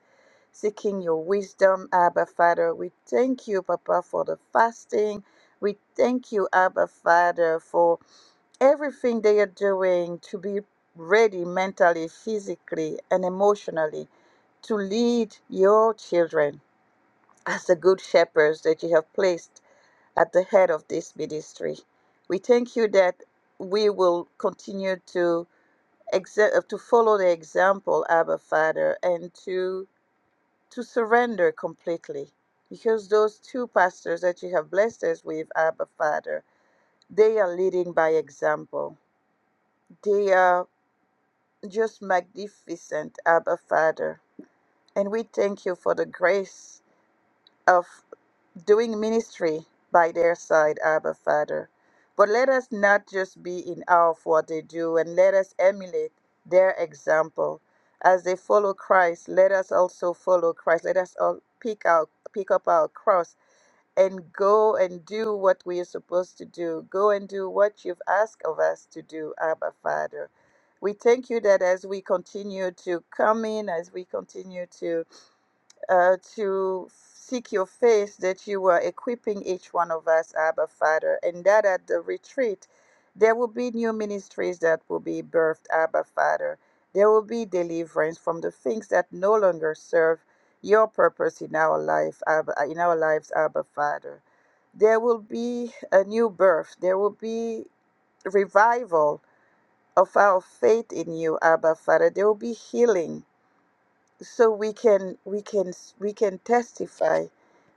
S1: seeking your wisdom, Abba Father. We thank you, Papa, for the fasting. We thank you, Abba Father, for everything they are doing to be ready mentally, physically, and emotionally to lead your children as the good shepherds that you have placed at the head of this ministry. We thank you that we will continue to exe- uh, to follow the example, Abba Father, and to to surrender completely, because those two pastors that you have blessed us with, Abba Father, they are leading by example. They are just magnificent, Abba Father, and we thank you for the grace. of. doing ministry by their side, Abba Father. But let us not just be in awe of what they do and let us emulate their example. As they follow Christ, let us also follow Christ. Let us all pick out pick up our cross and go and do what we are supposed to do. Go and do what you've asked of us to do, Abba Father. We thank you that as we continue to come in, as we continue to uh, to seek your face that you are equipping each one of us, Abba Father, and that at the retreat there will be new ministries that will be birthed, Abba Father. There will be deliverance from the things that no longer serve your purpose in our life, Abba, uh, in our lives, Abba Father. There will be a new birth. There will be revival of our faith in you, Abba Father. There will be healing so we can we can we can testify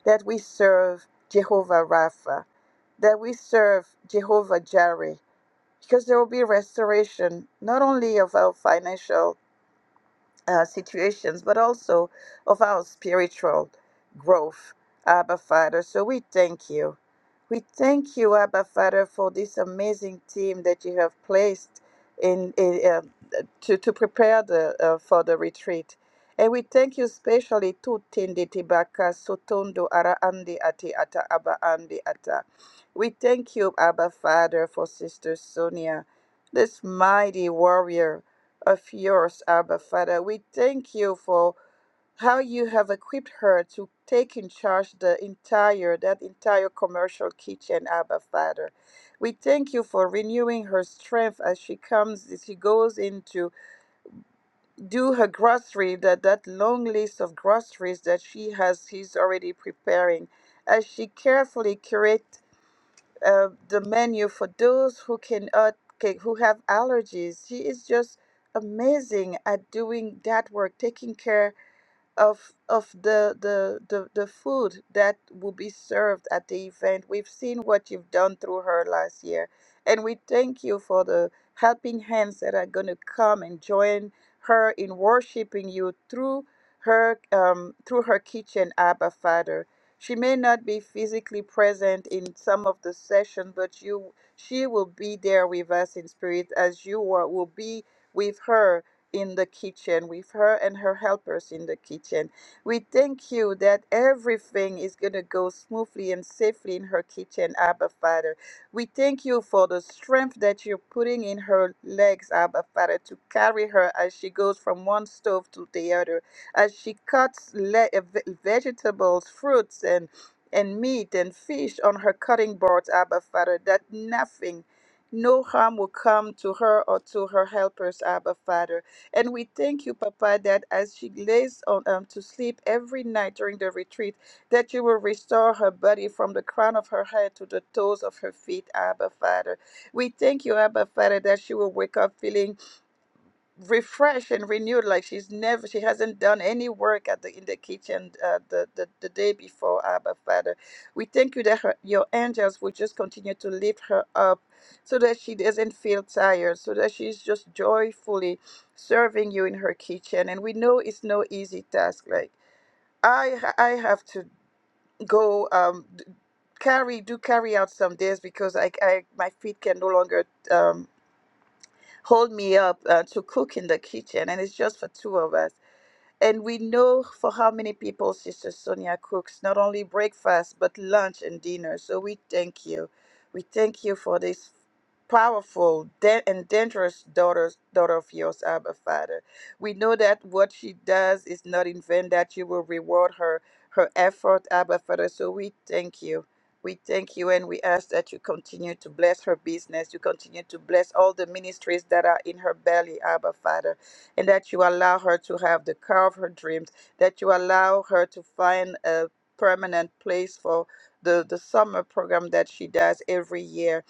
S1: that we serve Jehovah Rapha, that we serve Jehovah Jireh, because there will be restoration not only of our financial uh, situations but also of our spiritual growth, Abba Father. So we thank you. We thank you, Abba Father, for this amazing team that you have placed in in. uh, to, to prepare the, uh, for the retreat. And we thank you especially to Tindi Tibaka Sotondo Ara Andi Ati Ata Abba Andi Ata. We thank you, Abba Father, for Sister Sonia, this mighty warrior of yours, Abba Father. We thank you for how you have equipped her to take in charge the entire that entire commercial kitchen, Abba Father. We thank you for renewing her strength as she comes, as she goes into do her grocery that that long list of groceries that she has he's already preparing as she carefully curate uh, the menu for those who can uh, ca- who have allergies she is just amazing at doing that work taking care of of the, the the the food that will be served at the event. We've seen what you've done through her last year, and we thank you for the helping hands that are going to come and join her in worshiping you through her um, through her kitchen, Abba Father. She may not be physically present in some of the session, but you she will be there with us in spirit as you are, will be with her in the kitchen, with her and her helpers in the kitchen. We thank you that everything is going to go smoothly and safely in her kitchen, Abba Father. We thank you for the strength that you're putting in her legs, Abba Father, to carry her as she goes from one stove to the other, as she cuts le- uh, ve- vegetables, fruits, and and meat and fish on her cutting boards, Abba Father, that nothing, no harm will come to her or to her helpers, Abba Father. And we thank you, Papa, that as she lays on um, to sleep every night during the retreat, that you will restore her body from the crown of her head to the toes of her feet, Abba Father. We thank you, Abba Father, that she will wake up feeling refreshed and renewed like she's never she hasn't done any work at the in the kitchen uh, the, the the day before abba father we thank you that her, your angels will just continue to lift her up so that she doesn't feel tired so that she's just joyfully serving you in her kitchen and we know it's no easy task like i ha- i have to go um d- carry do carry out some days because i, I my feet can no longer um hold me up uh, to cook in the kitchen, and it's just for two of us. And we know for how many people Sister Sonia cooks, not only breakfast, but lunch and dinner. So we thank you. We thank you for this powerful da- and dangerous daughter, daughter of yours, Abba Father. We know that what she does is not in vain, that you will reward her, her effort, Abba Father. So we thank you. We thank you and we ask that you continue to bless her business. You continue to bless all the ministries that are in her belly, Abba Father and that you allow her to have the car of her dreams, that you allow her to find a permanent place for the, the summer program that she does every year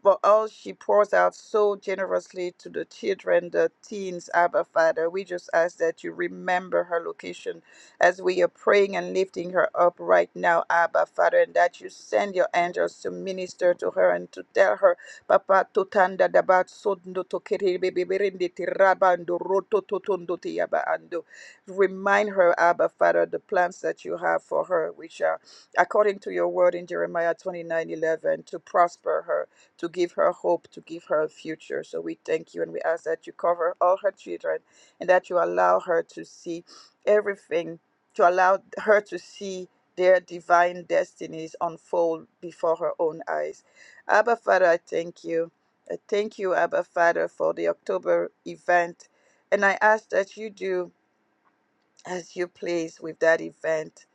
S1: for all she pours out so generously to the children, the teens, Abba Father, we just ask that you remember her location as we are praying and lifting her up right now, Abba Father, and that you send your angels to minister to her and to tell her, Papa, totanda dabat sondo tokere beberende tirabando roto totondo tiaba ando. Remind her, Abba Father, the plans that you have for her, which are according to your word in Jeremiah 29 11 to prosper her to give her hope, to give her a future. So we thank you and we ask that you cover all her children and that you allow her to see everything, to allow her to see their divine destinies unfold before her own eyes. Abba Father, I thank you. I thank you, Abba Father, for the October event. And I ask that you do as you please with that event.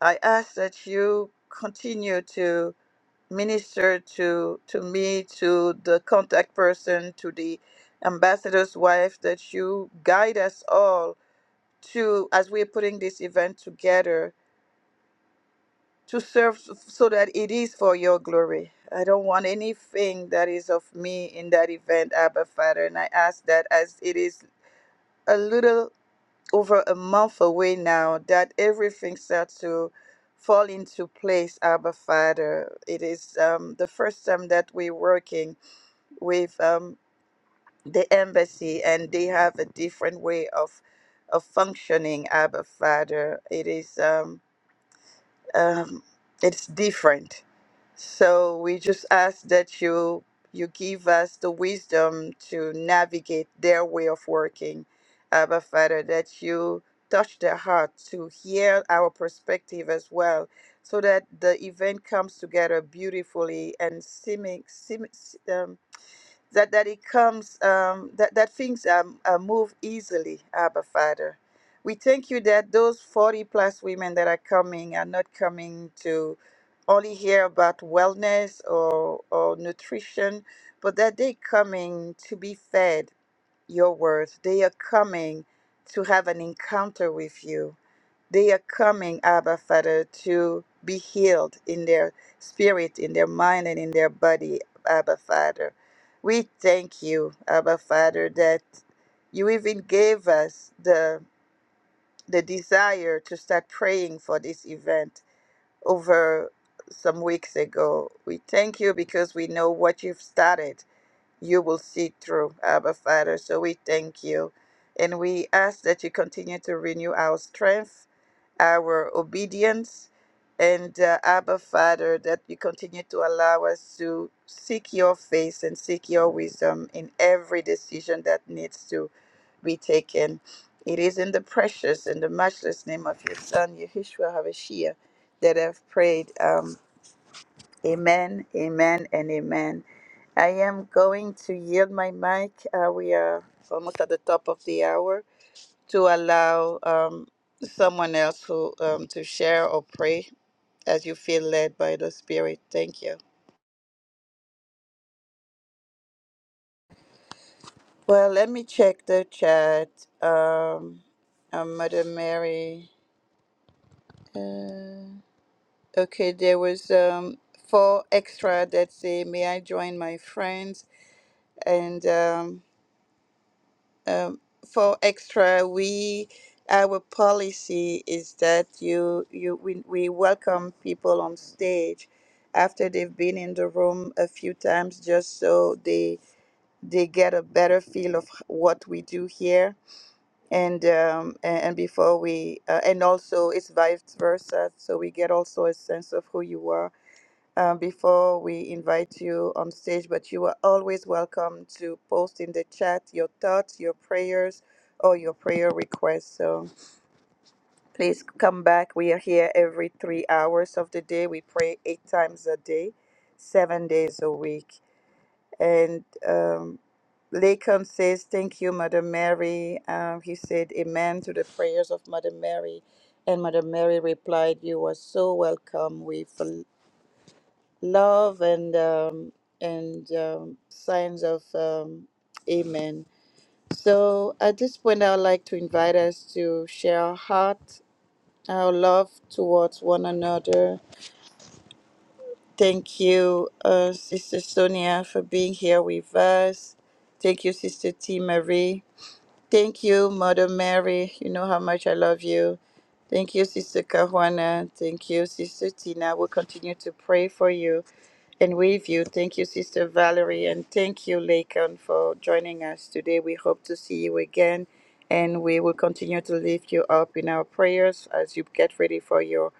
S1: I ask that you continue to minister to to me to the contact person to the ambassador's wife that you guide us all to as we're putting this event together to serve so that it is for your glory i don't want anything that is of me in that event abba father and i ask that as it is a little over a month away now that everything starts to fall into place abba father it is um, the first time that we're working with um, the embassy, and they have a different way of of functioning. Abba Father, it is um, um, it's different. So we just ask that you you give us the wisdom to navigate their way of working, Abba Father. That you touch their heart to hear our perspective as well, so that the event comes together beautifully and seeming, seem, that that it comes um, that that things are, are move easily, Abba Father. We thank you that those forty plus women that are coming are not coming to only hear about wellness or or nutrition, but that they coming to be fed your words. They are coming to have an encounter with you they are coming, Abba Father, to be healed in their spirit, in their mind, and in their body, Abba Father. We thank you, Abba Father, that you even gave us the the desire to start praying for this event over some weeks ago. We thank you because we know what you've started, you will see through, Abba Father. So we thank you. And we ask that you continue to renew our strength our obedience. And uh, Abba, Father, that you continue to allow us to seek your face and seek your wisdom in every decision that needs to be taken. It is in the precious and the matchless name of your Son, Yeshua HaMashiach, that I've prayed. Um, amen, amen, and amen. I am going to yield my mic. Uh, we are almost at the top of the hour to allow um, someone else who um, to share or pray as you feel led by the Spirit. Thank you. Well, let me check the chat. Um, uh, Mother Mary. Uh, okay, there was um, four extra that say, "May I join my friends?" and um, um, for extra we our policy is that you you we, we welcome people on stage after they've been in the room a few times just so they they get a better feel of h- what we do here and um, a- and before we uh, and also it's vice versa so we get also a sense of who you are uh, before we invite you on stage, but you are always welcome to post in the chat your thoughts, your prayers, or your prayer requests. So please come back. We are here every three hours of the day. We pray eight times a day, seven days a week. And um, Lacan says, Thank you, Mother Mary. Um, he said, Amen to the prayers of Mother Mary. And Mother Mary replied, You are so welcome. We've love and um, and um, signs of um, amen. So at this point, I would like to invite us to share our heart, our love towards one another. Thank you, uh, Sister Sonia, for being here with us. Thank you, Sister T. Marie. Thank you, Mother Mary. You know how much I love you. Thank you, Sister Kahuana. Thank you, Sister Tina. We'll continue to pray for you. And with you, thank you, Sister Valerie, and thank you, Lacan, for joining us today. We hope to see you again, and we will continue to lift you up in our prayers as you get ready for your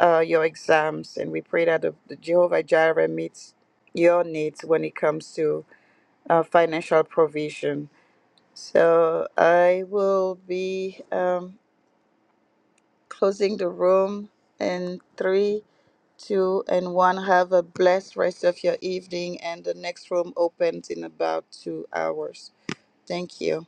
S1: uh, your exams. And we pray that the, the Jehovah Jireh meets your needs when it comes to uh, financial provision. So I will be um, closing the room in three. Two and one, have a blessed rest of your evening, and the next room opens in about two hours. Thank you.